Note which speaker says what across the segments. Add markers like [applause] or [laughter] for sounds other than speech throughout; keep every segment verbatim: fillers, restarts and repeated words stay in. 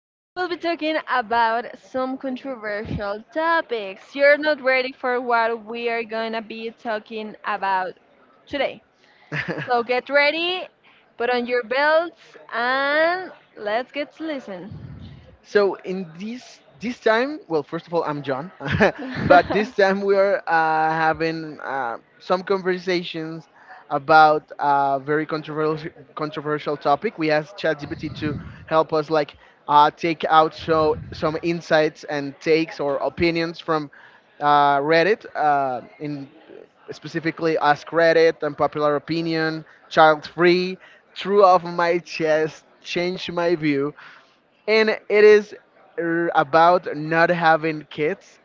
Speaker 1: Today we'll be talking about some controversial topics. You're not ready for what we are gonna be talking about today.
Speaker 2: [laughs] [laughs]
Speaker 1: So
Speaker 2: [laughs]
Speaker 1: get ready, put on your belts, and let's get to listen.
Speaker 2: So in this this time, well, first of all, I'm John, [laughs] but this time we are uh, having uh, some conversations about a very controversial controversial topic. We asked ChatGPT to help
Speaker 1: [laughs]
Speaker 2: us like uh, take out so, some insights and takes or opinions from uh, Reddit, uh, in specifically Ask Reddit, Unpopular Opinion, Child Free, True Off My Chest, Change My View, and it is r- about not having kids,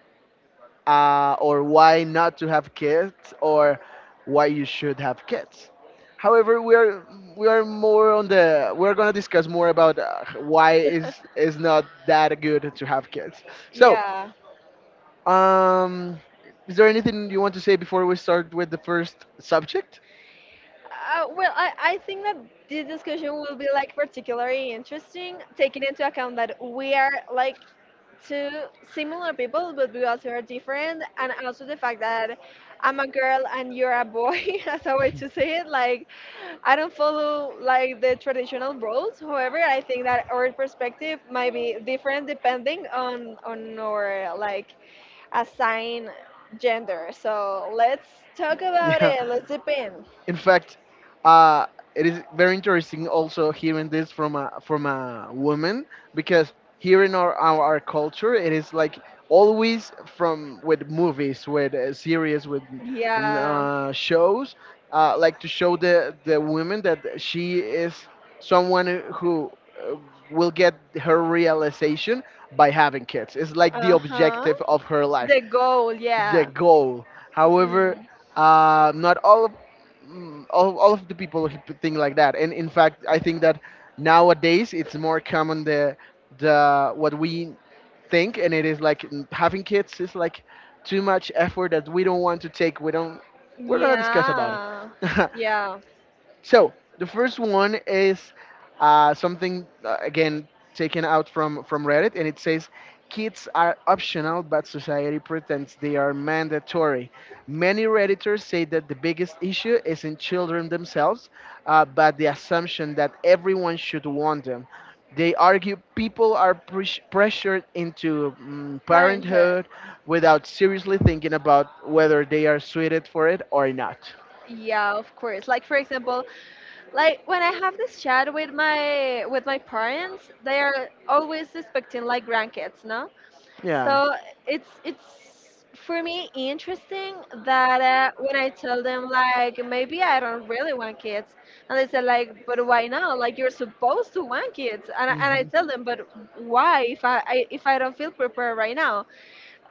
Speaker 2: uh, or why not to have kids, or why you should have kids. However, we are we are more on the— we're going to discuss more about uh, why is is not that good to have kids. So
Speaker 1: Yeah.
Speaker 2: um is there anything you want to say before we start with the first subject?
Speaker 1: Uh, well, I, I think that this discussion will be like particularly interesting, taking into account that we are like two similar people, but we also are different, and also the fact that I'm a girl and you're a boy, [laughs] as a way to say it. Like, I don't follow like the traditional roles. However, I think that our perspective might be different depending on on our like assigned gender. So let's talk
Speaker 2: [laughs]
Speaker 1: about
Speaker 2: Yeah.
Speaker 1: it. Let's dip in.
Speaker 2: In fact, uh, it is very interesting also hearing this from a from a woman, because here in our our, our culture it is like always from— with movies, with uh, series, with
Speaker 1: Yeah.
Speaker 2: uh, shows, uh, like, to show the the woman that she is someone who uh, will get her realization by having kids. It's like the
Speaker 1: Uh huh.
Speaker 2: objective of her life,
Speaker 1: The goal.
Speaker 2: the
Speaker 1: Yeah.
Speaker 2: goal. However,
Speaker 1: Mm.
Speaker 2: uh, not all of— mm, all, all of the people who think like that. And in fact, I think that nowadays it's more common the— the what we think, and it is like, mm, having kids is like too much effort that we don't want to take. We don't. We're gonna discuss about it.
Speaker 1: Yeah.
Speaker 2: [laughs]
Speaker 1: Yeah.
Speaker 2: So the first one is uh, something uh, again taken out from from Reddit, and it says kids are optional, but society pretends they are mandatory. Many redditors say that the biggest issue is in children themselves, uh, but the assumption that everyone should want them. They argue people are pres- pressured into mm,
Speaker 1: Parenthood.
Speaker 2: parenthood without seriously thinking about whether they are suited for it or not.
Speaker 1: Yeah, of course. Like for example, like when I have this chat with my with my parents, they are always expecting like grandkids, no?
Speaker 2: Yeah.
Speaker 1: So it's it's for me interesting that uh, when I tell them like maybe I don't really want kids, and they say like, but why not? Like you're supposed to want kids, and I, and I
Speaker 2: hmm
Speaker 1: tell them, but why if I, I if I don't feel prepared right now?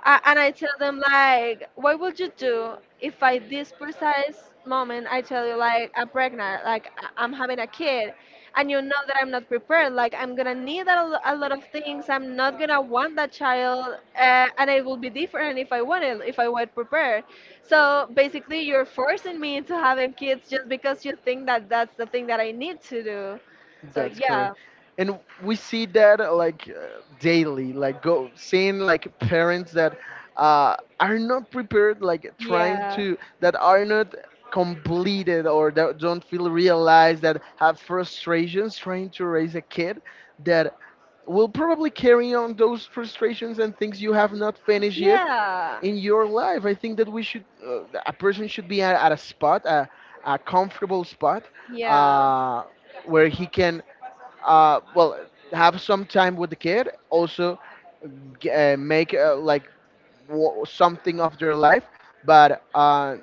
Speaker 1: I, and I tell them like, what would you do if I this precise moment I tell you like I'm pregnant, like I- I'm having a kid, and you know that I'm not prepared, like I'm gonna need a, lo- a lot of things. I'm not gonna want that child, uh, and it will be different if I want it, if I were prepared. So basically, you're forcing me into having kids just because you think that that's the thing that I need to do. So
Speaker 2: That's correct.
Speaker 1: yeah,
Speaker 2: And we see that uh, like uh, daily, like, go seeing like parents that uh, are not prepared, like trying
Speaker 1: yeah,
Speaker 2: to— that are not completed, or that don't feel realized, that have frustrations trying to raise a kid that will probably carry on those frustrations and things you have not finished yet
Speaker 1: yeah,
Speaker 2: in your life. I think that we should, uh, a person should be at, at a spot, a, a comfortable spot,
Speaker 1: yeah.
Speaker 2: uh, where he can uh, well, have some time with the kid, also g- uh, make uh, like w- something of their life, but uh,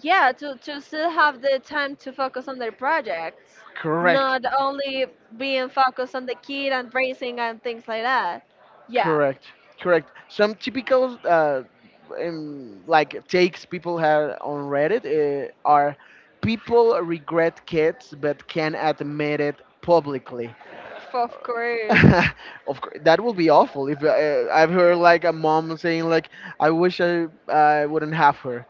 Speaker 1: Yeah, to, to still have the time to focus on their projects,
Speaker 2: correct.
Speaker 1: not only being focused on the kid and racing and things like that. Yeah.
Speaker 2: correct Correct. Some typical uh, um, like, takes people have on Reddit uh, are people regret kids but can admit it publicly.
Speaker 1: F- of course.
Speaker 2: [laughs] Of course, that would be awful. If uh, I've heard like a mom saying like, "I wish I I wouldn't have her."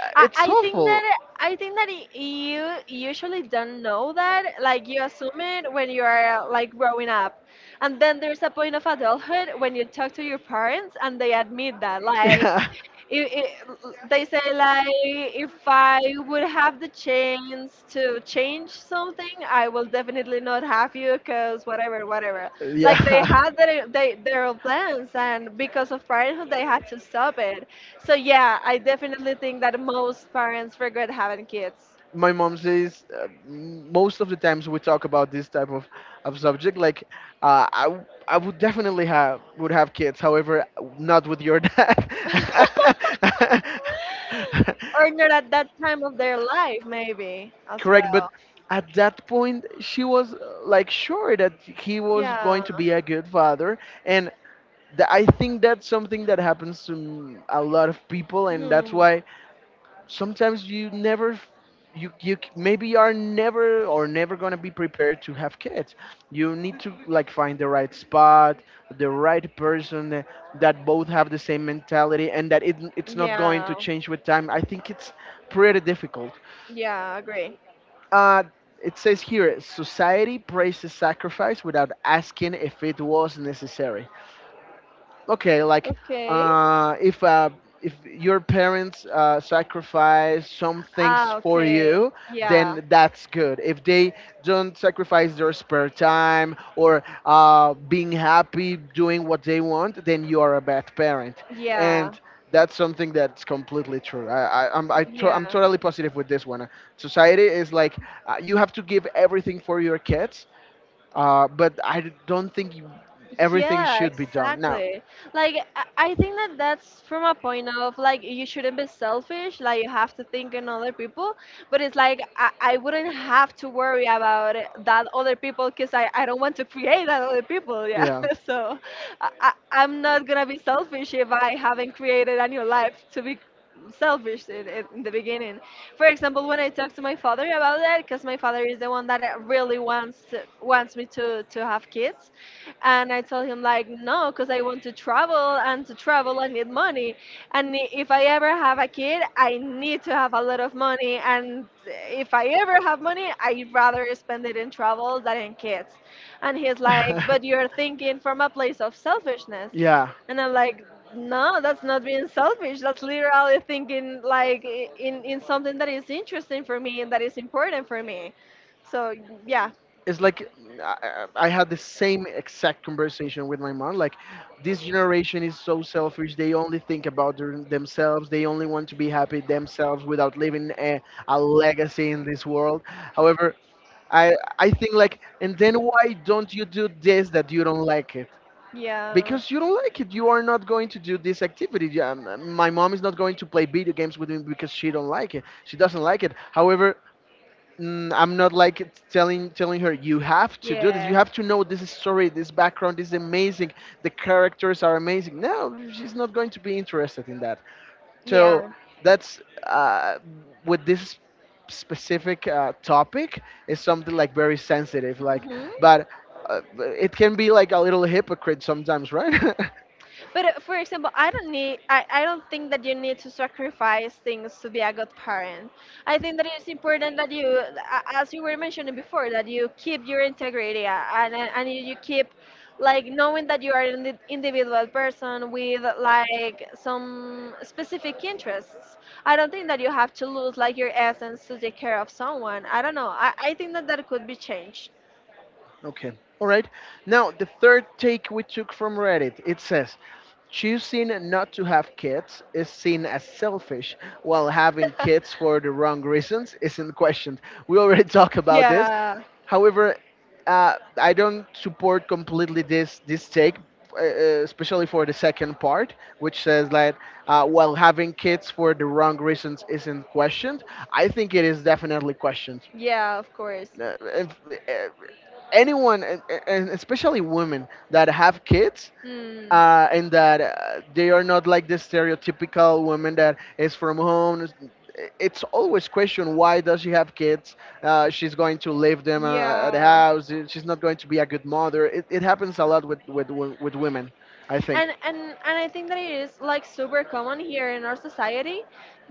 Speaker 2: Uh,
Speaker 1: i,
Speaker 2: it's
Speaker 1: I think
Speaker 2: awful.
Speaker 1: that i think that y- you usually don't know that, like you assume it when you are uh, like growing up, and then there's a point of adulthood when you talk to your parents and they admit that
Speaker 2: [laughs]
Speaker 1: like
Speaker 2: Yeah,
Speaker 1: it, it, they say like, if I would have the chance to change something, I will definitely not have you because whatever, whatever. Like they
Speaker 2: yeah.
Speaker 1: had their they, their own plans, and because of parenthood, they had to stop it. So yeah, I definitely think that most parents regret having kids,
Speaker 2: My mom says uh, m- most of the times we talk about this type of, of subject like, uh, I, w- I would definitely have— would have kids, however, not with your dad.
Speaker 1: [laughs]
Speaker 2: [laughs]
Speaker 1: or not at that time of their life, maybe as
Speaker 2: Correct. But
Speaker 1: well.
Speaker 2: at that point she was uh, like sure that he was going
Speaker 1: Yeah.
Speaker 2: to be a good father. And th- I think that's something that happens to m- a lot of people, and that's
Speaker 1: Hmm.
Speaker 2: why sometimes you never— you you c- maybe are never, or never going to be prepared to have kids. You need to like find the right spot, the right person, uh, that both have the same mentality, and that it, it's not going
Speaker 1: Yeah.
Speaker 2: to change with time. I think it's pretty difficult.
Speaker 1: Yeah, agree.
Speaker 2: uh it says here society praises sacrifice without asking if it was necessary. Okay, like,
Speaker 1: Okay.
Speaker 2: uh if uh if your parents uh, sacrifice some
Speaker 1: Ah,
Speaker 2: things for
Speaker 1: okay.
Speaker 2: you,
Speaker 1: Yeah.
Speaker 2: then that's good. If they don't sacrifice their spare time or uh, being happy doing what they want, then you are a bad parent.
Speaker 1: Yeah.
Speaker 2: And that's something that's completely true. I, I, I'm, I to,
Speaker 1: Yeah.
Speaker 2: I'm totally positive with this one. Society is like, uh, you have to give everything for your kids, uh, but I don't think you, everything
Speaker 1: Yeah,
Speaker 2: should be done. Now,
Speaker 1: exactly. Like I I think that that's from a point of like you shouldn't be selfish. Like you have to think in other people, but it's like I, I wouldn't have to worry about it- that other people because I, I don't want to create that other people. Yeah,
Speaker 2: yeah.
Speaker 1: [laughs] so I, I I'm not gonna be selfish if I haven't created a new life to be selfish in, in in the beginning. For example, when I talk to my father about that, because my father is the one that uh, really wants wants me to to have kids, and I told him like no, because I want to travel, and to travel I need money, and i- if I ever have a kid, I need to have a lot of money, and if I ever have money, I'd rather spend it in travel than in kids. And he's like, but
Speaker 2: [laughs]
Speaker 1: you're thinking from a place of selfishness,
Speaker 2: Yeah.
Speaker 1: and I'm like, no, that's not being selfish. That's literally thinking like i- in in something that is interesting for me and that is important for me. So yeah,
Speaker 2: It's like, I, I had the same exact conversation with my mom. Like, this generation is so selfish. They only think about their, themselves. They only want to be happy themselves without leaving a, a legacy in this world. However, I I think like, and then why don't you do this that you don't like it?
Speaker 1: yeah.
Speaker 2: Because you don't like it, you are not going to do this activity. Yeah, m- my mom is not going to play video games with me because she don't like it. She doesn't like it. However, mm, I'm not like— it's telling telling her you have to do this. You have to know this story, this background is amazing. The characters are amazing. No, she's not going to be interested in that. So that's uh, with this specific uh, topic is something like very sensitive. Like, but uh, it can be like a little hypocrite sometimes, right? [laughs]
Speaker 1: But uh, for example, I don't need I, I don't think that you need to sacrifice things to be a good parent. I think that it's important that you a- as you were mentioning before, that you keep your integrity, uh, and and and you keep like knowing that you are an indi- individual person with like some specific interests. I don't think that you have to lose like your essence to take care of someone. I don't know. I, I think that that could be changed.
Speaker 2: Okay. All right. Now, the third take we took from Reddit, it says, choosing not to have kids is seen as selfish, while having kids for the wrong reasons isn't questioned. We already [laughs] talked about this.
Speaker 1: Yeah.
Speaker 2: However, uh, I don't support completely this this take, uh, uh, especially for the second part, which says that uh, while having kids for the wrong reasons isn't questioned, I think it is definitely questioned.
Speaker 1: Yeah, of course.
Speaker 2: Uh, if, uh, anyone, and and especially women that have kids
Speaker 1: Mm,
Speaker 2: uh, and that uh, they are not like the stereotypical woman that is from home, it's always questioned why does she have kids, uh, she's going to leave them uh, at the
Speaker 1: yeah.
Speaker 2: house, uh, she's not going to be a good mother. it, it happens a lot with, with with women, I think.
Speaker 1: And and and I think that it is like super common here in our society,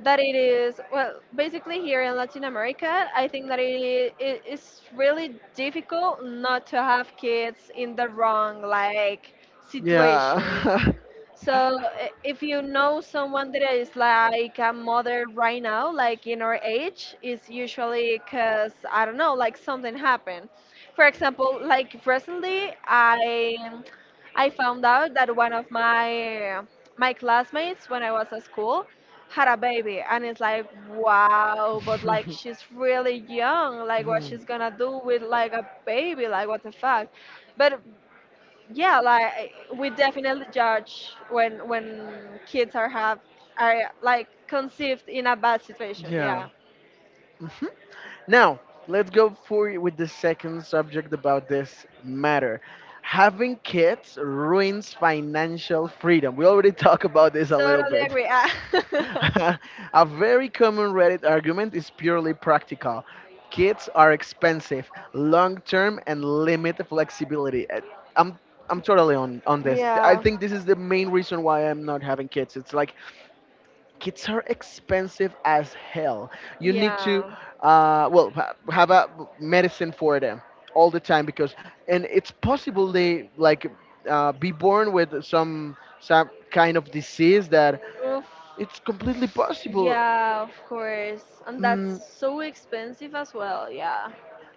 Speaker 1: that it is, well, basically here in Latin America, I think that it, it is really difficult not to have kids in the wrong like situation.
Speaker 2: Yeah. [laughs]
Speaker 1: So i- if you know someone that is like a mother right now, like in our age, it's usually because I don't know, like something happened. For example, like recently I I found out that one of my my classmates when I was at school had a baby, and it's like wow, but like she's really young. Like what
Speaker 2: Mhm.
Speaker 1: she's gonna do with like a baby? Like what the fuck? But yeah, like we definitely judge when when kids are have are like conceived in a bad situation.
Speaker 2: Yeah.
Speaker 1: Yeah,
Speaker 2: Mhm. Now, let's go for— with the second subject about this matter. Having kids ruins financial freedom. We already [laughs] talked about this a little
Speaker 1: totally
Speaker 2: bit.
Speaker 1: agree. Ah.
Speaker 2: [laughs]
Speaker 1: [laughs]
Speaker 2: A very common Reddit argument is purely practical. Kids are expensive, long term, and limit flexibility. Uh, I'm I'm totally on on this. I
Speaker 1: Yeah.
Speaker 2: think this is the main reason why I'm not having kids. It's like, kids are expensive as hell. You need to,
Speaker 1: Yeah.
Speaker 2: uh, well, ha- have a medicine for them all the time because, and it's possible they like uh, be born with some some kind of disease, that
Speaker 1: Oof.
Speaker 2: it's completely possible.
Speaker 1: Yeah, of course. And that's
Speaker 2: Mm,
Speaker 1: so expensive as well. Yeah.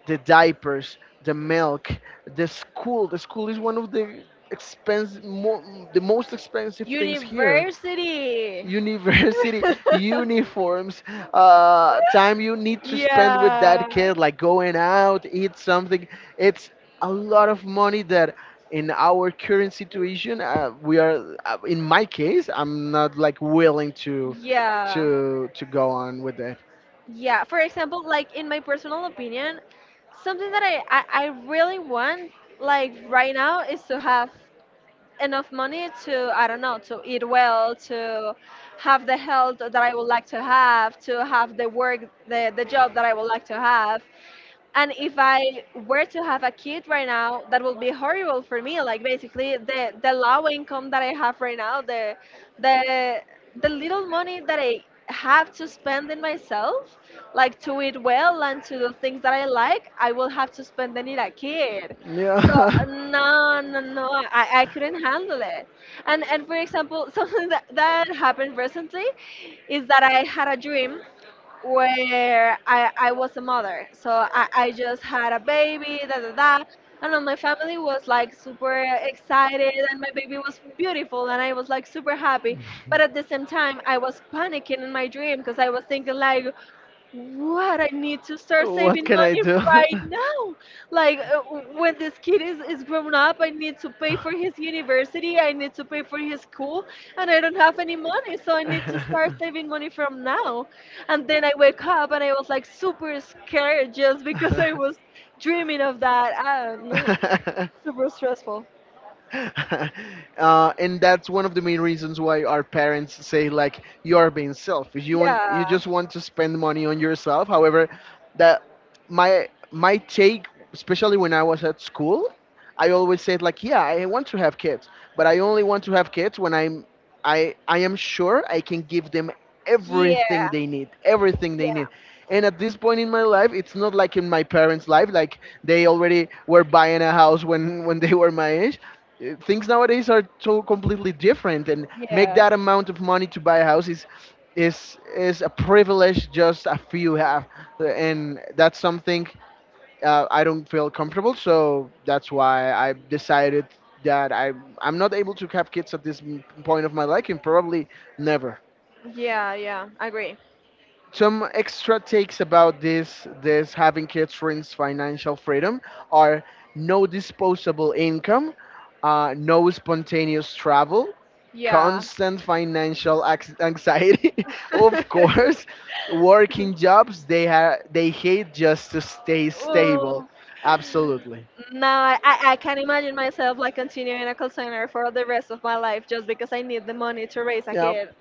Speaker 2: the diapers, the milk, the school. The school is one of the expense, mo- the most expensive things here.
Speaker 1: University.
Speaker 2: University, [laughs]
Speaker 1: [laughs]
Speaker 2: uniforms, uh, time you need to spend with that
Speaker 1: Yeah,
Speaker 2: kid, like going out, eat something. It's a lot of money that in our current situation uh, we are uh, in my case, I'm not like willing to to
Speaker 1: yeah,
Speaker 2: to go on with it.
Speaker 1: yeah. For example, like in my personal opinion, something that I, I, I really want, like right now, is to have enough money to, I don't know, to eat well, to have the health that I would like to have, to have the work, the, the job that I would like to have. And if I were to have a kid right now, that would be horrible for me. Like basically, the the low income that I have right now, the the the little money that I have to spend in myself, like to eat well and to do things that I like, I will have to spend it in a kid. So
Speaker 2: Yeah.
Speaker 1: no, no no i, I couldn't handle it. And and for example, [laughs] something that, that happened recently, is that I had a dream where I, I was a mother. So I, I just had a baby, da da da. And then my family
Speaker 2: [laughs]
Speaker 1: was like super excited, and my baby was beautiful, and I was like super happy. But at the same
Speaker 2: [laughs]
Speaker 1: time, I was panicking in my dream because I was thinking like, what, I need to start saving money right
Speaker 2: [laughs]
Speaker 1: now. Like uh, w- when this kid is, is grown up, I need to pay for his university, I need to pay for his school, and I don't have any money, so I need to start saving money from now. And then I wake up and I was like super scared just because I was dreaming of that, I don't know.
Speaker 2: [laughs]
Speaker 1: Super stressful.
Speaker 2: [laughs] Uh, and that's one of the main reasons why our parents say like you are being selfish. You want—
Speaker 1: Yeah,
Speaker 2: you just want to spend money on yourself. However, that— my my take, especially when I was at school, I always said like, yeah, I want to have kids, but I only want to have kids when I'm— I I am sure I can give them
Speaker 1: yeah,
Speaker 2: everything they need, everything they need. And at this point in my life, it's not like in my parents life. Like, they already were buying a house when [laughs] when they were my age. Uh, things nowadays are so completely different, and make
Speaker 1: yeah,
Speaker 2: that amount of money to buy a house is—
Speaker 1: yeah.
Speaker 2: is is a privilege just a few have. Uh, and that's something, uh, I don't feel comfortable. So that's why I decided that i I'm not able to have kids at this m- point of my life, and probably never.
Speaker 1: Yeah, yeah, I agree.
Speaker 2: Some extra takes about this— this having kids brings financial freedom are no disposable income, uh, no spontaneous travel,
Speaker 1: Yeah.
Speaker 2: constant financial ax- anxiety, [laughs] of
Speaker 1: [laughs]
Speaker 2: course, working jobs they ha- they hate just to stay stable,
Speaker 1: Oh,
Speaker 2: absolutely.
Speaker 1: no, I, I I can't imagine myself like continuing in a call center for the rest of my life just because I need the money to raise a
Speaker 2: Yep.
Speaker 1: kid.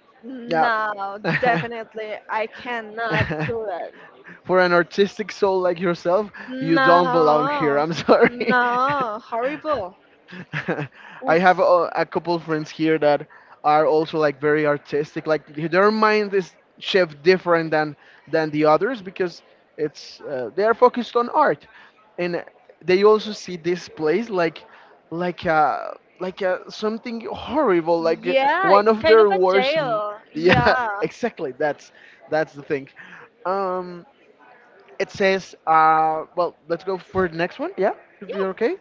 Speaker 2: Yep.
Speaker 1: No,
Speaker 2: [laughs]
Speaker 1: definitely, I cannot do that.
Speaker 2: For an artistic soul like yourself, you don't belong here,
Speaker 1: No,
Speaker 2: I'm sorry. [laughs]
Speaker 1: no, horrible.
Speaker 2: [laughs] I
Speaker 1: Oof.
Speaker 2: have a, a couple friends here that are also like very artistic. Like their mind is shift different than than the others, because it's uh, they are focused on art, and they also see this place like like uh like uh, something horrible, like, uh,
Speaker 1: Yeah,
Speaker 2: one
Speaker 1: it's
Speaker 2: of
Speaker 1: kind of
Speaker 2: their
Speaker 1: a
Speaker 2: worst. m- [laughs]
Speaker 1: jail. Yeah,
Speaker 2: Yeah, exactly. That's that's the thing. Um, it says— uh well, let's go for the next one. Yeah, if you're
Speaker 1: yeah.
Speaker 2: okay.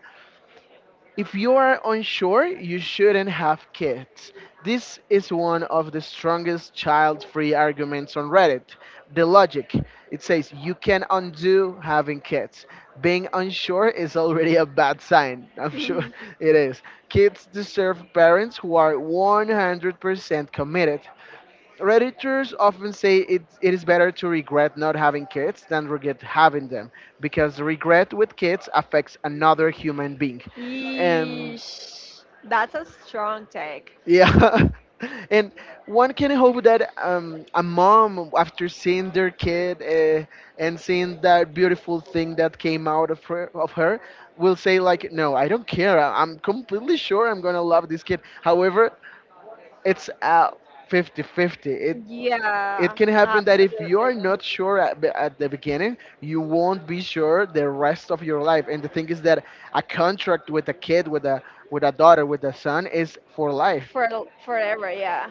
Speaker 2: If you are unsure, you shouldn't have kids. This is one of the strongest child free arguments on Reddit. The logic, it says you can undo having kids. Being unsure is already a bad sign. [laughs] I'm sure
Speaker 1: [laughs]
Speaker 2: it is. Kids deserve parents who are one hundred percent committed. Redditors often say it, it is better to regret not having kids than regret having them because regret with kids affects another human being. And
Speaker 1: Eesh, that's a strong take.
Speaker 2: yeah. [laughs] And one can hope that um, a mom, after seeing their kid uh, and seeing that beautiful thing that came out of her, of her, will say like, "No, I don't care. I- I'm completely sure I'm gonna love this kid." However, it's uh, fifty fifty 50 it
Speaker 1: Yeah,
Speaker 2: can happen that if you
Speaker 1: absolutely.
Speaker 2: are not sure at, be- at the beginning, you won't be sure the rest of your life. And the thing is that a contract with a kid, with a with a daughter, with a son is for life.
Speaker 1: For forever, yeah.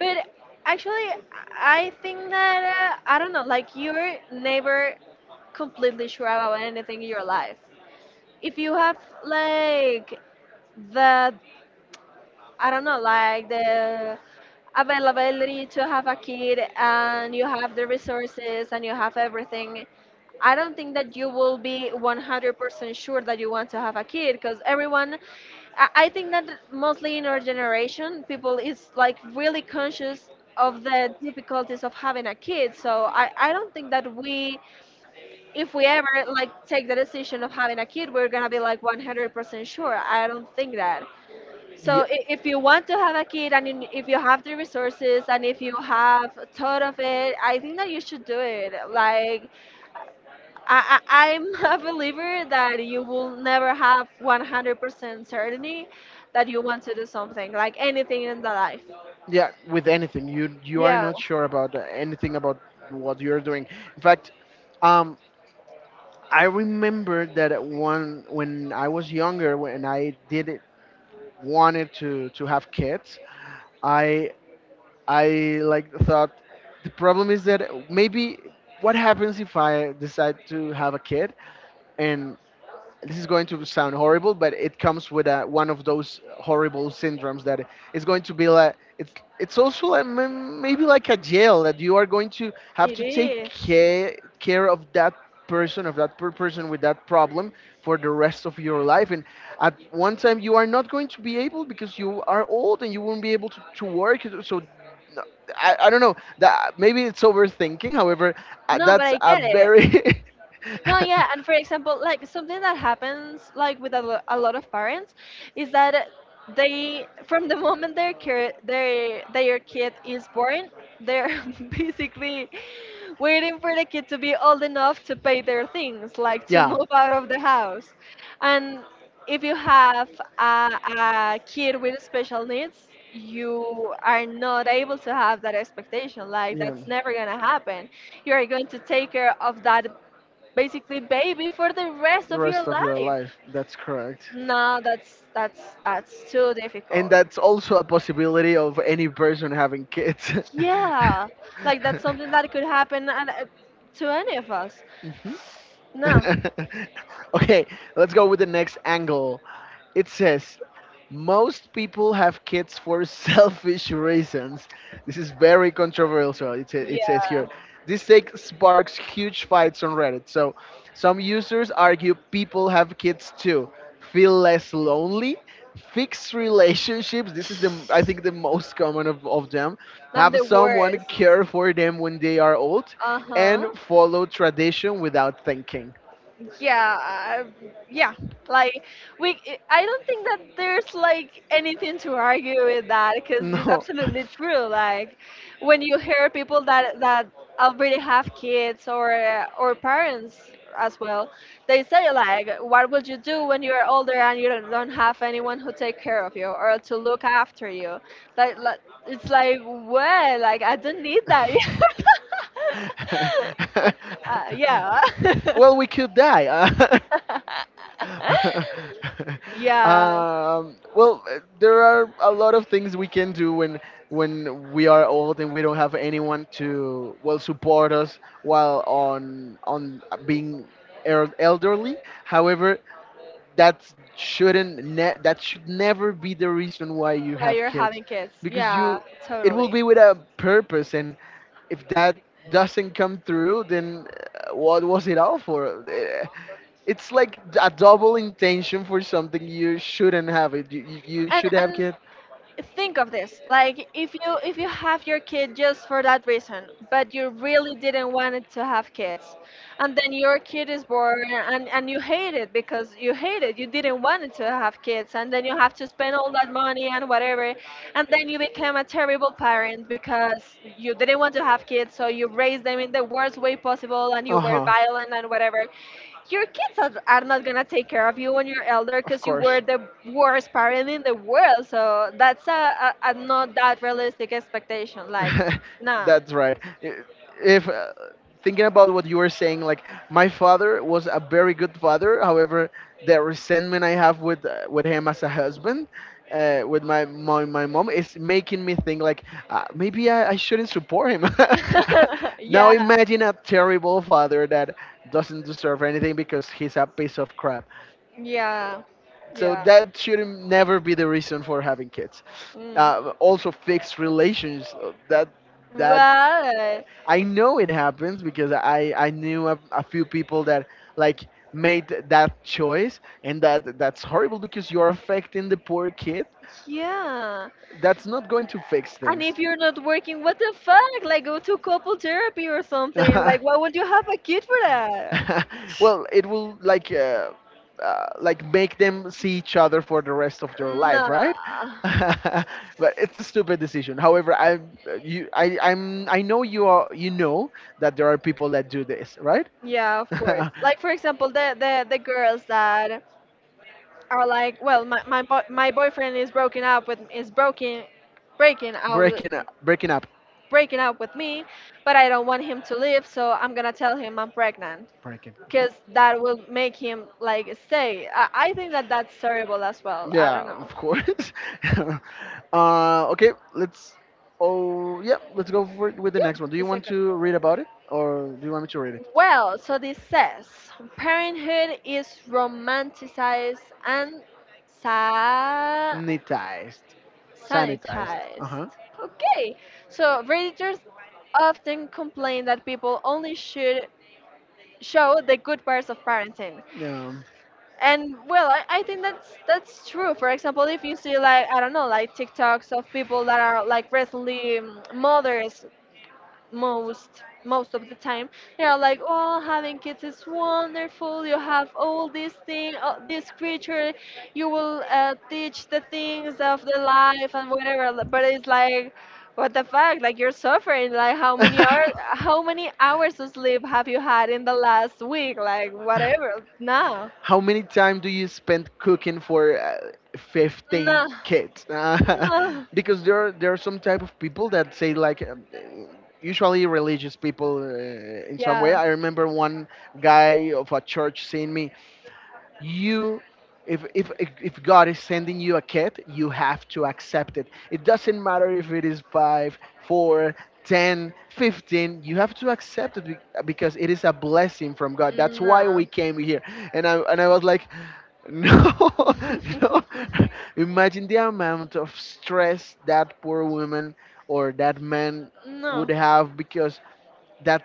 Speaker 1: But actually, I think that uh, I don't know. Like you're never completely sure about anything in your life. If you have like the I don't know, like the availability to have a kid and you have the resources and you have everything, I don't think that you will be one hundred percent sure that you want to have a kid, because everyone, I I think that mostly in our generation people is like really conscious of the difficulties of having a kid. So I, I don't think that we, if we ever like take the decision of having a kid, we're gonna be like one hundred percent sure. I don't think that. So
Speaker 2: Yeah,
Speaker 1: i- if you want to have a kid, and in- if you have the resources and if you have thought of it, I think that you should do it. Like I, I, I'm [laughs] a believer that you will never have one hundred percent certainty that you want to do something, like anything in the life.
Speaker 2: yeah. With anything, you you are
Speaker 1: Yeah,
Speaker 2: not sure about uh, anything about what you're doing. In fact, um, I remember that at one when I was younger, when I did wanted to to have kids, I I like thought the problem is that maybe what happens if I decide to have a kid and this is going to sound horrible, but it comes with a, one of those horrible syndromes that it's going to be like it's it's also like m- maybe like a jail that you are going to have
Speaker 1: it
Speaker 2: to take
Speaker 1: is.
Speaker 2: care care of that person of that per person with that problem for the rest of your life, and at one time you are not going to be able because you are old and you won't be able to, to work. So no, I, I don't know, that maybe it's overthinking. However, uh,
Speaker 1: No, but
Speaker 2: that's
Speaker 1: I
Speaker 2: a
Speaker 1: get
Speaker 2: very
Speaker 1: it.
Speaker 2: [laughs]
Speaker 1: No, yeah, and for example, like something that happens like with a, lo- a lot of parents is that they, from the moment their kid their their kid is born, they're [laughs] basically waiting for the kid to be old enough to pay their things, like to
Speaker 2: yeah.
Speaker 1: move out of the house. And if you have
Speaker 2: uh,
Speaker 1: a, a kid with special needs, you are not able to have that expectation.
Speaker 2: like
Speaker 1: Like
Speaker 2: Yeah.
Speaker 1: that's never gonna happen. You are going to take care of that basically baby for the rest
Speaker 2: The
Speaker 1: of your
Speaker 2: rest of your
Speaker 1: life.
Speaker 2: life. That's correct.
Speaker 1: No, that's that's that's too
Speaker 2: And
Speaker 1: difficult.
Speaker 2: that's also a possibility of any person having kids. [laughs]
Speaker 1: Yeah, like that's something that could happen at, at- to any of us.
Speaker 2: Mhm.
Speaker 1: No.
Speaker 2: [laughs] okay, let's go with the next angle. It says, most people have kids for [laughs] selfish reasons. This is very controversial. It, sa- it says here, this take sparks huge fights on Reddit.
Speaker 1: Yeah.
Speaker 2: So, some users argue people have kids to feel less lonely, fixed relationships, this is, the I think, the most common of, of them,
Speaker 1: Not
Speaker 2: have
Speaker 1: the
Speaker 2: someone
Speaker 1: worst.
Speaker 2: care for them when they are old,
Speaker 1: Uh
Speaker 2: and
Speaker 1: huh.
Speaker 2: follow tradition without thinking.
Speaker 1: yeah uh, yeah like we I don't think that there's like anything to argue with that because it's
Speaker 2: No.
Speaker 1: absolutely true. Like, when you hear people that that already have kids or uh, or parents as well, they say like, what would you do when you're older and you don't, don't have anyone who take care of you or to look after you? Like, like it's like,
Speaker 2: [laughs]
Speaker 1: well, like, I don't need that.
Speaker 2: [laughs]
Speaker 1: [laughs] Uh, yeah. [laughs]
Speaker 2: Well, we could die. Uh,
Speaker 1: [laughs]
Speaker 2: [laughs]
Speaker 1: Yeah,
Speaker 2: um, well, uh, there are a lot of things we can do when when we are old and we don't have anyone to, well, support us while on on being er- elderly. However, that shouldn't ne- that should never be the reason why you
Speaker 1: while
Speaker 2: have
Speaker 1: you're
Speaker 2: kids,
Speaker 1: having kids.
Speaker 2: because
Speaker 1: Yeah,
Speaker 2: you it will
Speaker 1: totally.
Speaker 2: be with a purpose, and if that doesn't come through, then uh, what was it all for? Eh, it's like a double intention for something you shouldn't have it, you, you you
Speaker 1: And
Speaker 2: should have
Speaker 1: and
Speaker 2: kids.
Speaker 1: think of this. Like, if you if you have your kid just for that reason, but you really didn't want it to have kids, and then your kid is born and, and you hate it because you hate it. You didn't want it to have kids, and then you have to spend all that money and whatever, and then you became a terrible parent because you didn't want to have kids, so you raised them in the worst way possible and
Speaker 2: Uh
Speaker 1: you were
Speaker 2: huh.
Speaker 1: violent and whatever. Your kids are, are not gonna take care of you when you're elder
Speaker 2: Of
Speaker 1: because you were
Speaker 2: course.
Speaker 1: the worst parent in the world. So that's a, a, a not that realistic expectation. Like,
Speaker 2: [laughs]
Speaker 1: nah.
Speaker 2: That's right. I- If, uh, thinking about what you were saying, like, my father was a very good father. However, the resentment I have with uh, with him as a husband, uh, with my, my my mom, is making me think like, uh, maybe I, I shouldn't support him. [laughs]
Speaker 1: [laughs]
Speaker 2: Now
Speaker 1: Yeah.
Speaker 2: imagine a terrible father that doesn't deserve anything because he's a piece of crap.
Speaker 1: Yeah.
Speaker 2: So
Speaker 1: Yeah.
Speaker 2: that should never be the reason for having kids.
Speaker 1: Mm.
Speaker 2: Uh, also, fixed relations. uh, That that
Speaker 1: Well,
Speaker 2: I know it happens because I I knew a, a few people that, like, made that choice, and that that's horrible because you're affecting the poor kid.
Speaker 1: yeah.
Speaker 2: That's not going to fix
Speaker 1: And
Speaker 2: things.
Speaker 1: if you're not working, what the fuck? Like, go to couple therapy or something. Like, why
Speaker 2: [laughs]
Speaker 1: would you have a kid for that?
Speaker 2: [laughs] Well, it will like, uh, uh, like make them see each other for the rest of their life, right?
Speaker 1: Nah.
Speaker 2: [laughs] But it's a stupid decision. However, I you I I'm I know you are you know that there are people that do this, right?
Speaker 1: Yeah, of course.
Speaker 2: [laughs]
Speaker 1: Like, for example, the the, the girls that are like, well, my my, bo- my boyfriend is broken up with is broken, breaking out
Speaker 2: Breaking up, breaking up,
Speaker 1: breaking up with me, but I don't want him to leave, so I'm gonna tell him I'm pregnant.
Speaker 2: breaking.
Speaker 1: Because that will make him like stay. I, I think that that's terrible as well. I
Speaker 2: Yeah,
Speaker 1: don't know.
Speaker 2: of course. [laughs] uh, okay, let's. Oh, yeah, let's go for, with the
Speaker 1: Yeah,
Speaker 2: next one. Do you
Speaker 1: the
Speaker 2: want
Speaker 1: second.
Speaker 2: to read about it, or do you want me to read it?
Speaker 1: Well, so this says parenthood is romanticized and sa-
Speaker 2: Sanitized. Sanitized. Uh
Speaker 1: sanitized.
Speaker 2: huh.
Speaker 1: Okay, so readers often complain that people only should show the good parts of parenting.
Speaker 2: Yeah.
Speaker 1: And well, I, I think that's that's true. For example, if you see, like, I don't know, like, TikToks of people that are like recently um, mothers, most most of the time they are like, oh, having kids is wonderful, you have all this thing, uh, this creature you will uh, teach the things of the life and whatever. But it's like, what the fuck, like, you're suffering, like, how many
Speaker 2: [laughs]
Speaker 1: hours how many hours of sleep have you had in the last week, like, whatever. No.
Speaker 2: How many time do you spend cooking for uh, fifteen
Speaker 1: No.
Speaker 2: kids? Uh,
Speaker 1: No.
Speaker 2: [laughs] because there are, there are some type of people that say like, um, uh, usually religious people, uh, in some way.
Speaker 1: Yeah.
Speaker 2: I remember one guy of a church seeing me. You if if if God is sending you a kid, you have to accept it it doesn't matter if it is five four, ten, fifteen. You have to accept it be- because it is a blessing from God. That's why
Speaker 1: No.
Speaker 2: we came here. And i and i was like, no. [laughs] No.
Speaker 1: [laughs]
Speaker 2: Imagine the amount of stress that poor woman or that man would
Speaker 1: No.
Speaker 2: have because that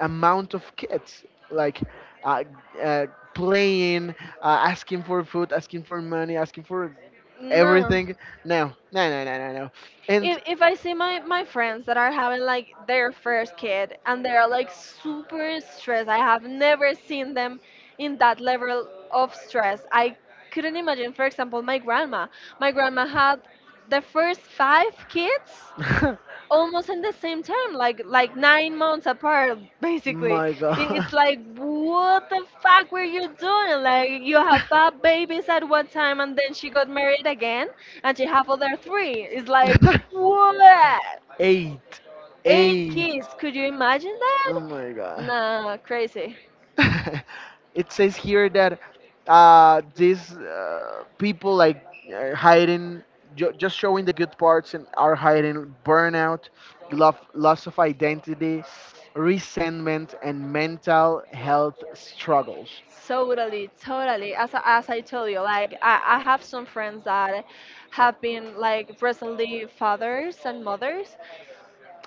Speaker 2: amount of kids, like uh, uh, playing, uh, asking for food, asking for money, asking for
Speaker 1: No.
Speaker 2: everything. No, no, no, no, no, no. And
Speaker 1: If if I see my my friends that are having like their first kid and they are like super stressed, I have never seen them in that level of stress. I couldn't imagine. For example, my grandma. My grandma had the first five kids
Speaker 2: [laughs]
Speaker 1: almost in the same time, like like nine months apart, [laughs] basically.
Speaker 2: my
Speaker 1: I-
Speaker 2: God.
Speaker 1: It's like, what the fuck were you doing? Like, you have five babies at one time, and then she got married again,
Speaker 2: [laughs]
Speaker 1: and she have other three. It's like,
Speaker 2: [laughs]
Speaker 1: what?
Speaker 2: Eight.
Speaker 1: Eight
Speaker 2: Eight.
Speaker 1: kids? Could you imagine that?
Speaker 2: Oh my God.
Speaker 1: Nah, crazy.
Speaker 2: [laughs] It says here that uh, these uh, people, like, are hiding, ju- just showing the good parts, and are hiding burnout, love, loss of identity, resentment, and mental health struggles.
Speaker 1: Totally, totally. As I, as I told you, like, I, I have some friends that have been like recently fathers and mothers,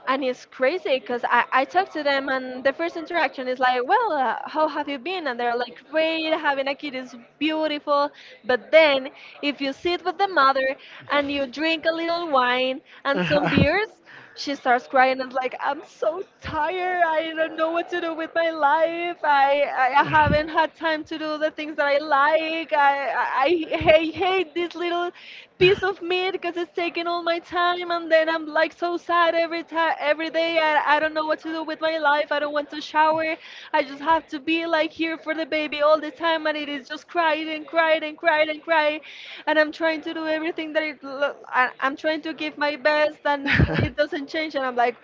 Speaker 1: and it's crazy because I, I talk to them, and the first interaction is like, well, uh, how have you been, and they're like, great, having a kid is beautiful. But then, if you sit with the mother and you drink a little wine and some beers, she starts
Speaker 2: [laughs]
Speaker 1: crying and is like, I'm so
Speaker 2: [laughs]
Speaker 1: tired, I don't know what to do with my life, i i I haven't had time to do the things that I like, i i, I hate, hate this little piece of meat because it's taking all my time, and then I'm like so sad every time every day, I, I don't know what to do with my life, I don't want to shower, I just have to be like here for the baby all the time, and it is just crying and crying and crying and crying and I'm trying to do everything that it lo- I, I'm trying to give my best, and it doesn't change, and I'm like,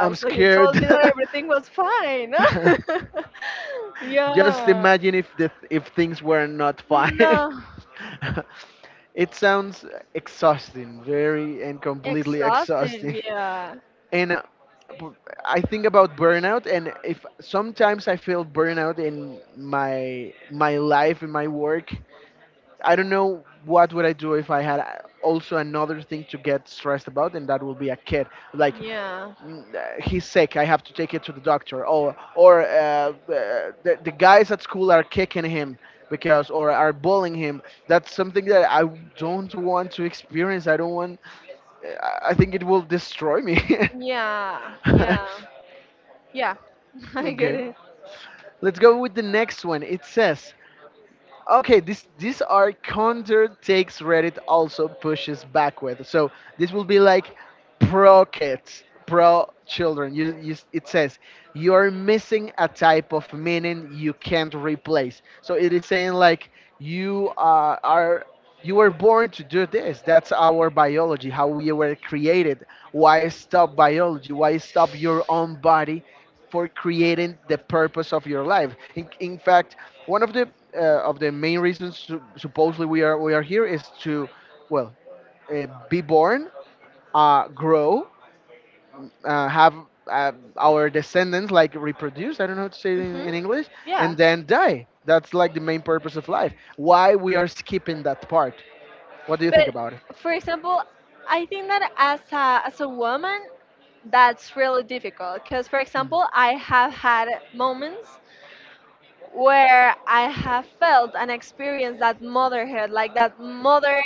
Speaker 2: Wow, you [laughs] [laughs] so
Speaker 1: so you
Speaker 2: scared.
Speaker 1: told me
Speaker 2: scared.
Speaker 1: that
Speaker 2: Your
Speaker 1: everything was fine.
Speaker 2: was [laughs] scared.
Speaker 1: [laughs]
Speaker 2: Just
Speaker 1: Yeah.
Speaker 2: imagine if the if things were not fine.
Speaker 1: No.
Speaker 2: [laughs] It sounds exhausting, very and completely
Speaker 1: Exhausting.
Speaker 2: exhausting.
Speaker 1: Yeah.
Speaker 2: And uh, I think about burnout, and if sometimes I feel burnout in my my life, in my work, I don't know what would I do if I had, uh, also another thing to get stressed about, and that would be a kid. Like
Speaker 1: Yeah.
Speaker 2: mm, uh, he's sick, I have to take it to the doctor. Or or uh, uh, the the guys at school are kicking him because, or are bullying him. That's something that I don't want to experience. I don't want. I I think it will destroy me.
Speaker 1: Yeah, yeah,
Speaker 2: [laughs]
Speaker 1: yeah. [laughs] I get
Speaker 2: Okay.
Speaker 1: it.
Speaker 2: Let's go with the next one. It says, okay, this these are counter takes Reddit also pushes back with. So this will be like pro kids, pro children. You, you, it says you're missing a type of meaning you can't replace. So it is saying, like, you uh, are you were born to do this. That's our biology, how we were created. Why stop biology? Why stop your own body for creating the purpose of your life? In, in fact, one of the uh, of the main reasons su- supposedly we are we are here is to, well, uh, be born, uh, grow, uh, have uh, our descendants, like, reproduce. I don't know how to say it in,
Speaker 1: Hmm.
Speaker 2: in English,
Speaker 1: Yeah,
Speaker 2: and then die. That's like the main purpose of life. Why we are skipping that part? What do you think about
Speaker 1: but for example, I think that as a as a woman, that's really difficult. Because, for example, I have had moments where I have felt and experienced that motherhood, like that mother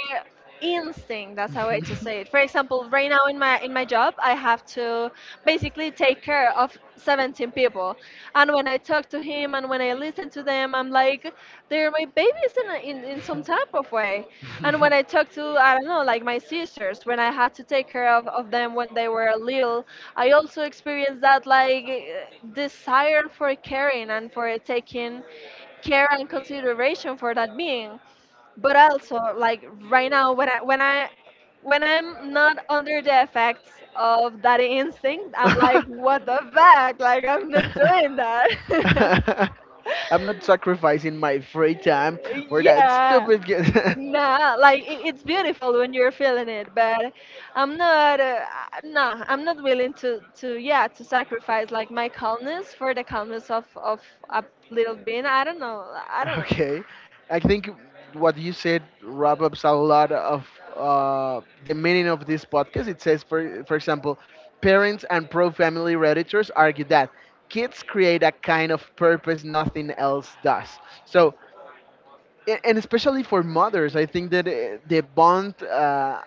Speaker 1: instinct. That's how I
Speaker 2: it?
Speaker 1: to
Speaker 2: [laughs]
Speaker 1: say it. For example, right now in my in my job, I have to basically take care of seventeen people, and when I talk to him and when I listen to them, I'm like, they're my babies in a- in, in some type of way. And when I talk to, I don't know, like my sisters, when I had to take care of, of them when they were little, I also experienced that, like, eh, desire for caring and for taking care and consideration for that being.
Speaker 2: [laughs]
Speaker 1: But also, like, right now, when I when I
Speaker 2: I
Speaker 1: when I'm
Speaker 2: am not
Speaker 1: not under the effects of that instinct, I'm like, what the fuck? Like, I'm not doing
Speaker 2: [laughs]
Speaker 1: that.
Speaker 2: really sacrificing my free time
Speaker 1: [laughs]
Speaker 2: for that, yeah,
Speaker 1: Yeah.
Speaker 2: stupid game.
Speaker 1: Nah, like, it, it's beautiful when you're feeling it, but I'm not. Uh, uh, nah, I'm not willing to to yeah, to sacrifice like my calmness for the calmness of of a little
Speaker 2: [laughs]
Speaker 1: being. I don't know. I don't
Speaker 2: [laughs]
Speaker 1: know.
Speaker 2: Okay, I think what you said wrap ups a lot of uh, the meaning of this podcast. It says, for for example, parents and pro-family editors argue that kids create a kind of purpose nothing else does. So, a- and especially for mothers, I think that uh, the bond. Uh,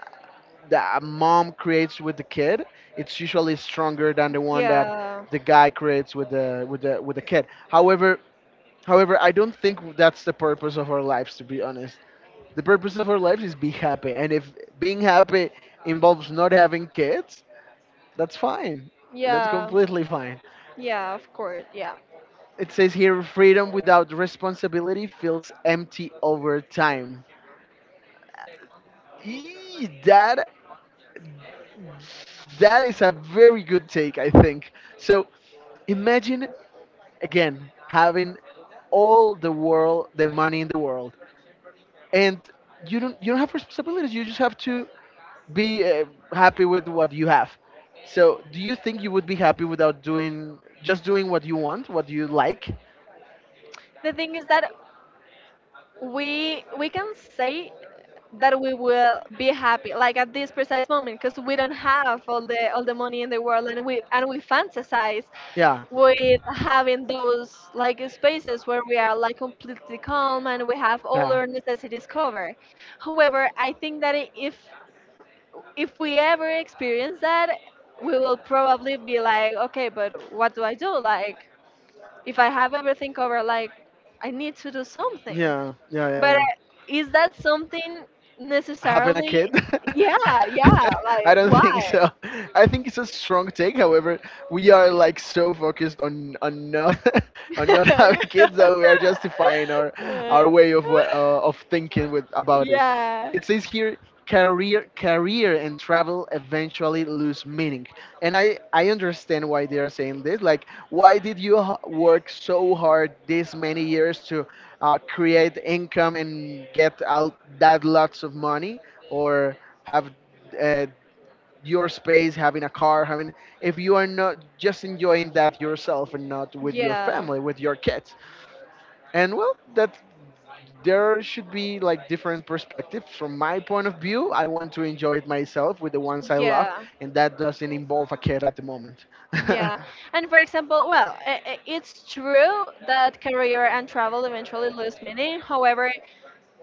Speaker 2: That a mom creates with the kid, it's usually stronger than the one that
Speaker 1: Yeah,
Speaker 2: the guy creates with the with the with the kid. However, However, I don't think that's the purpose of our lives, to be honest. The purpose of our lives is be happy, and if being happy involves not having kids, that's fine. That's
Speaker 1: yeah,
Speaker 2: completely fine.
Speaker 1: yeah, of course, yeah.
Speaker 2: It says here, freedom without responsibility feels empty over time. Eee, that that is a very good take, I think. So imagine again having all the world, the money in the world, and you don't you don't have responsibilities. You just have to be uh, happy with what you have. So, do you think you would be happy without doing, just doing what you want, what you like?
Speaker 1: The thing is that we we can say that we will be happy like at this precise moment because we don't have all the all the money in the world, and we and we fantasize
Speaker 2: Yeah.
Speaker 1: with having those like spaces where we are like completely calm and we have all
Speaker 2: Yeah.
Speaker 1: our necessities covered. However, I think that I- if if we ever experience that, we will probably be like, okay, but what do I do? Like, if I have everything covered, like, I need to do something.
Speaker 2: Yeah. Yeah. Yeah.
Speaker 1: But
Speaker 2: Yeah.
Speaker 1: uh, is that something
Speaker 2: Having a
Speaker 1: necessarily?
Speaker 2: kid.
Speaker 1: Yeah, yeah.
Speaker 2: [laughs] I
Speaker 1: Like,
Speaker 2: don't think
Speaker 1: why?
Speaker 2: so. I think it's a strong take. However, we are, like, so focused on on not [laughs] on not having kids that we are justifying our our way of wa- uh,
Speaker 1: [laughs]
Speaker 2: of thinking with about this.
Speaker 1: Yeah,
Speaker 2: It says here, career career and travel eventually lose meaning, and i i understand why they are saying this. Like, why did you h- work so hard this many years to uh, create income and get out that lots of money, or have uh, your space, having a car, having, if you are not just enjoying that yourself and not with your
Speaker 1: yeah,
Speaker 2: family, with your kids. And, well, that there should be like different perspectives. From my point of view, I want to enjoy it myself with the ones I love,
Speaker 1: yeah.
Speaker 2: and that doesn't involve a kid at the moment. [laughs]
Speaker 1: Yeah. And for example, well, I- I- it's true that career and travel eventually lose meaning. However,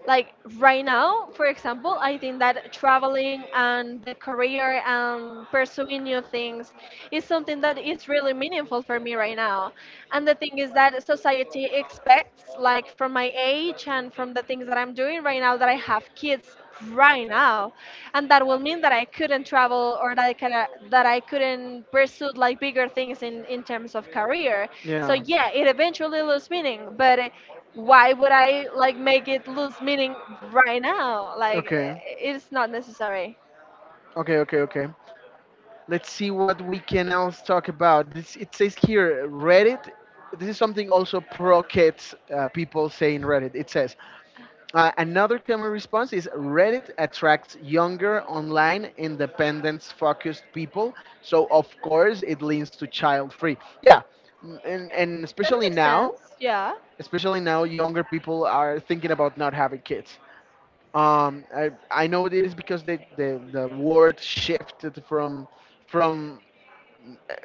Speaker 1: like right now, for example, I think that traveling and the career and pursuing new things is something that is really meaningful for me right now. And the thing is that society expects, like, from my age and from the things that I'm doing right now, that I have kids right now, and that will mean that I couldn't travel or that i, could, that I couldn't pursue like bigger things in, in terms of career. So
Speaker 2: Yeah.
Speaker 1: yeah, it eventually loses meaning, but why would I like make it lose meaning right now? Like,
Speaker 2: Okay,
Speaker 1: it's not necessary.
Speaker 2: okay, okay, okay, let's see what we can else talk about this. It says here, Reddit, this is something also pro kids, uh, people say in Reddit. It says, Uh, another common response is Reddit attracts younger, online, independence focused people. So, of course, it leans to child free. Yeah. m- And, and
Speaker 1: That
Speaker 2: especially
Speaker 1: makes
Speaker 2: now,
Speaker 1: sense. Yeah.
Speaker 2: especially now, younger people are thinking about not having kids. Um, I, I know it is because the, the, the word shifted from from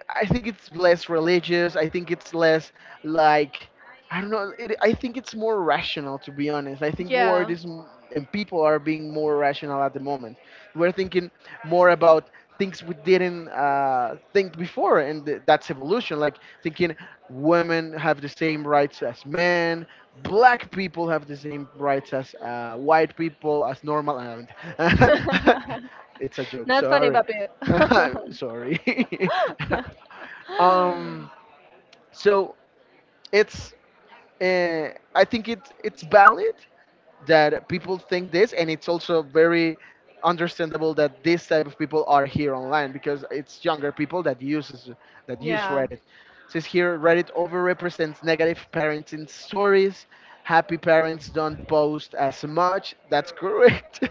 Speaker 2: I think it's less religious. I think it's less, like, I don't know. It, I think it's more rational, to be honest. I think
Speaker 1: Yeah.
Speaker 2: world is m- and people are being more rational at the moment. We're thinking more about things we didn't uh, think before, and th- that's evolution. Like, thinking women have the same rights as men, black people have the same rights as uh, white people, as normal. And [laughs]
Speaker 1: [laughs]
Speaker 2: it's a joke.
Speaker 1: Not funny,
Speaker 2: Sorry,
Speaker 1: puppy.
Speaker 2: [laughs] sorry. [laughs] Um,
Speaker 1: [laughs]
Speaker 2: so it's uh, I think it's it's valid that people think this, and it's also very understandable that this type of people are here online, because it's younger people that uses that use
Speaker 1: Yeah.
Speaker 2: Reddit. Says here, Reddit overrepresents negative parenting stories. Happy parents
Speaker 1: [laughs]
Speaker 2: don't post as much. That's correct.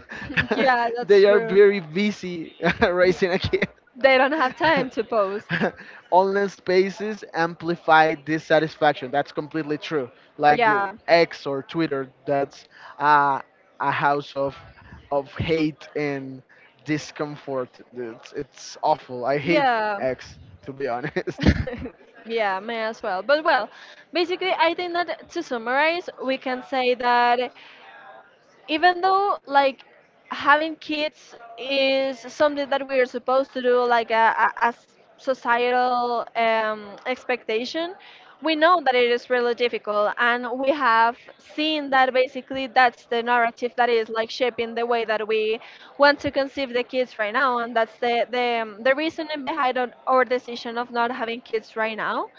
Speaker 1: Yeah,
Speaker 2: [laughs]
Speaker 1: that's
Speaker 2: They are
Speaker 1: true.
Speaker 2: very busy [laughs] raising a kid.
Speaker 1: They don't have time to post.
Speaker 2: [laughs] Online spaces amplify dissatisfaction. That's completely true. Like, uh,
Speaker 1: Yeah.
Speaker 2: X or Twitter, that's uh, a house of of hate and discomfort. It's, it's awful. I hate
Speaker 1: Yeah.
Speaker 2: X, to be honest.
Speaker 1: [laughs] Yeah, may as well. But well, basically, I think that to summarize, we can say that, even though, like, having kids is something that we are supposed to do, like, a, as societal um, expectation, we know that it is really difficult, and we have seen that basically that's the narrative that is like shaping the way that we want to conceive the kids right now, and that's the the, um, the reasoning behind on
Speaker 2: [laughs]
Speaker 1: our decision of not having kids right now.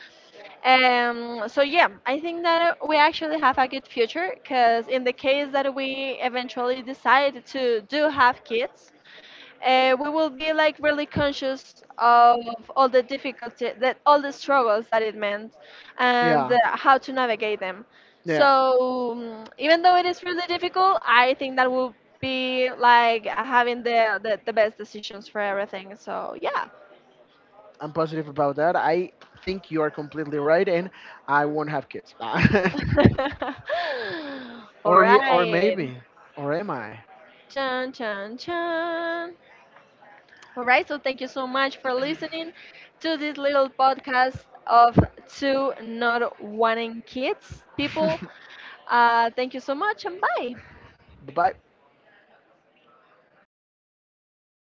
Speaker 1: um, So yeah, I think that uh, we actually have a good future, because in the case that we eventually decide to do have kids, uh, we will be like really conscious of all the difficulty that all the struggles that it meant, and uh,
Speaker 2: Yeah.
Speaker 1: how to navigate them.
Speaker 2: Yeah,
Speaker 1: So um, even though it is really difficult, I think that will be like having the, the, the best decisions for everything. So yeah.
Speaker 2: I'm positive about that. I think you are completely right, and I won't have kids. [laughs]
Speaker 1: [laughs] All
Speaker 2: Or ye- or
Speaker 1: right.
Speaker 2: maybe, or am I?
Speaker 1: Chan, chan, chan. All right. So thank you so much for listening to this little podcast of two not wanting kids people.
Speaker 2: [laughs] Bye.
Speaker 1: Uh, thank you so much, and bye.
Speaker 2: Bye.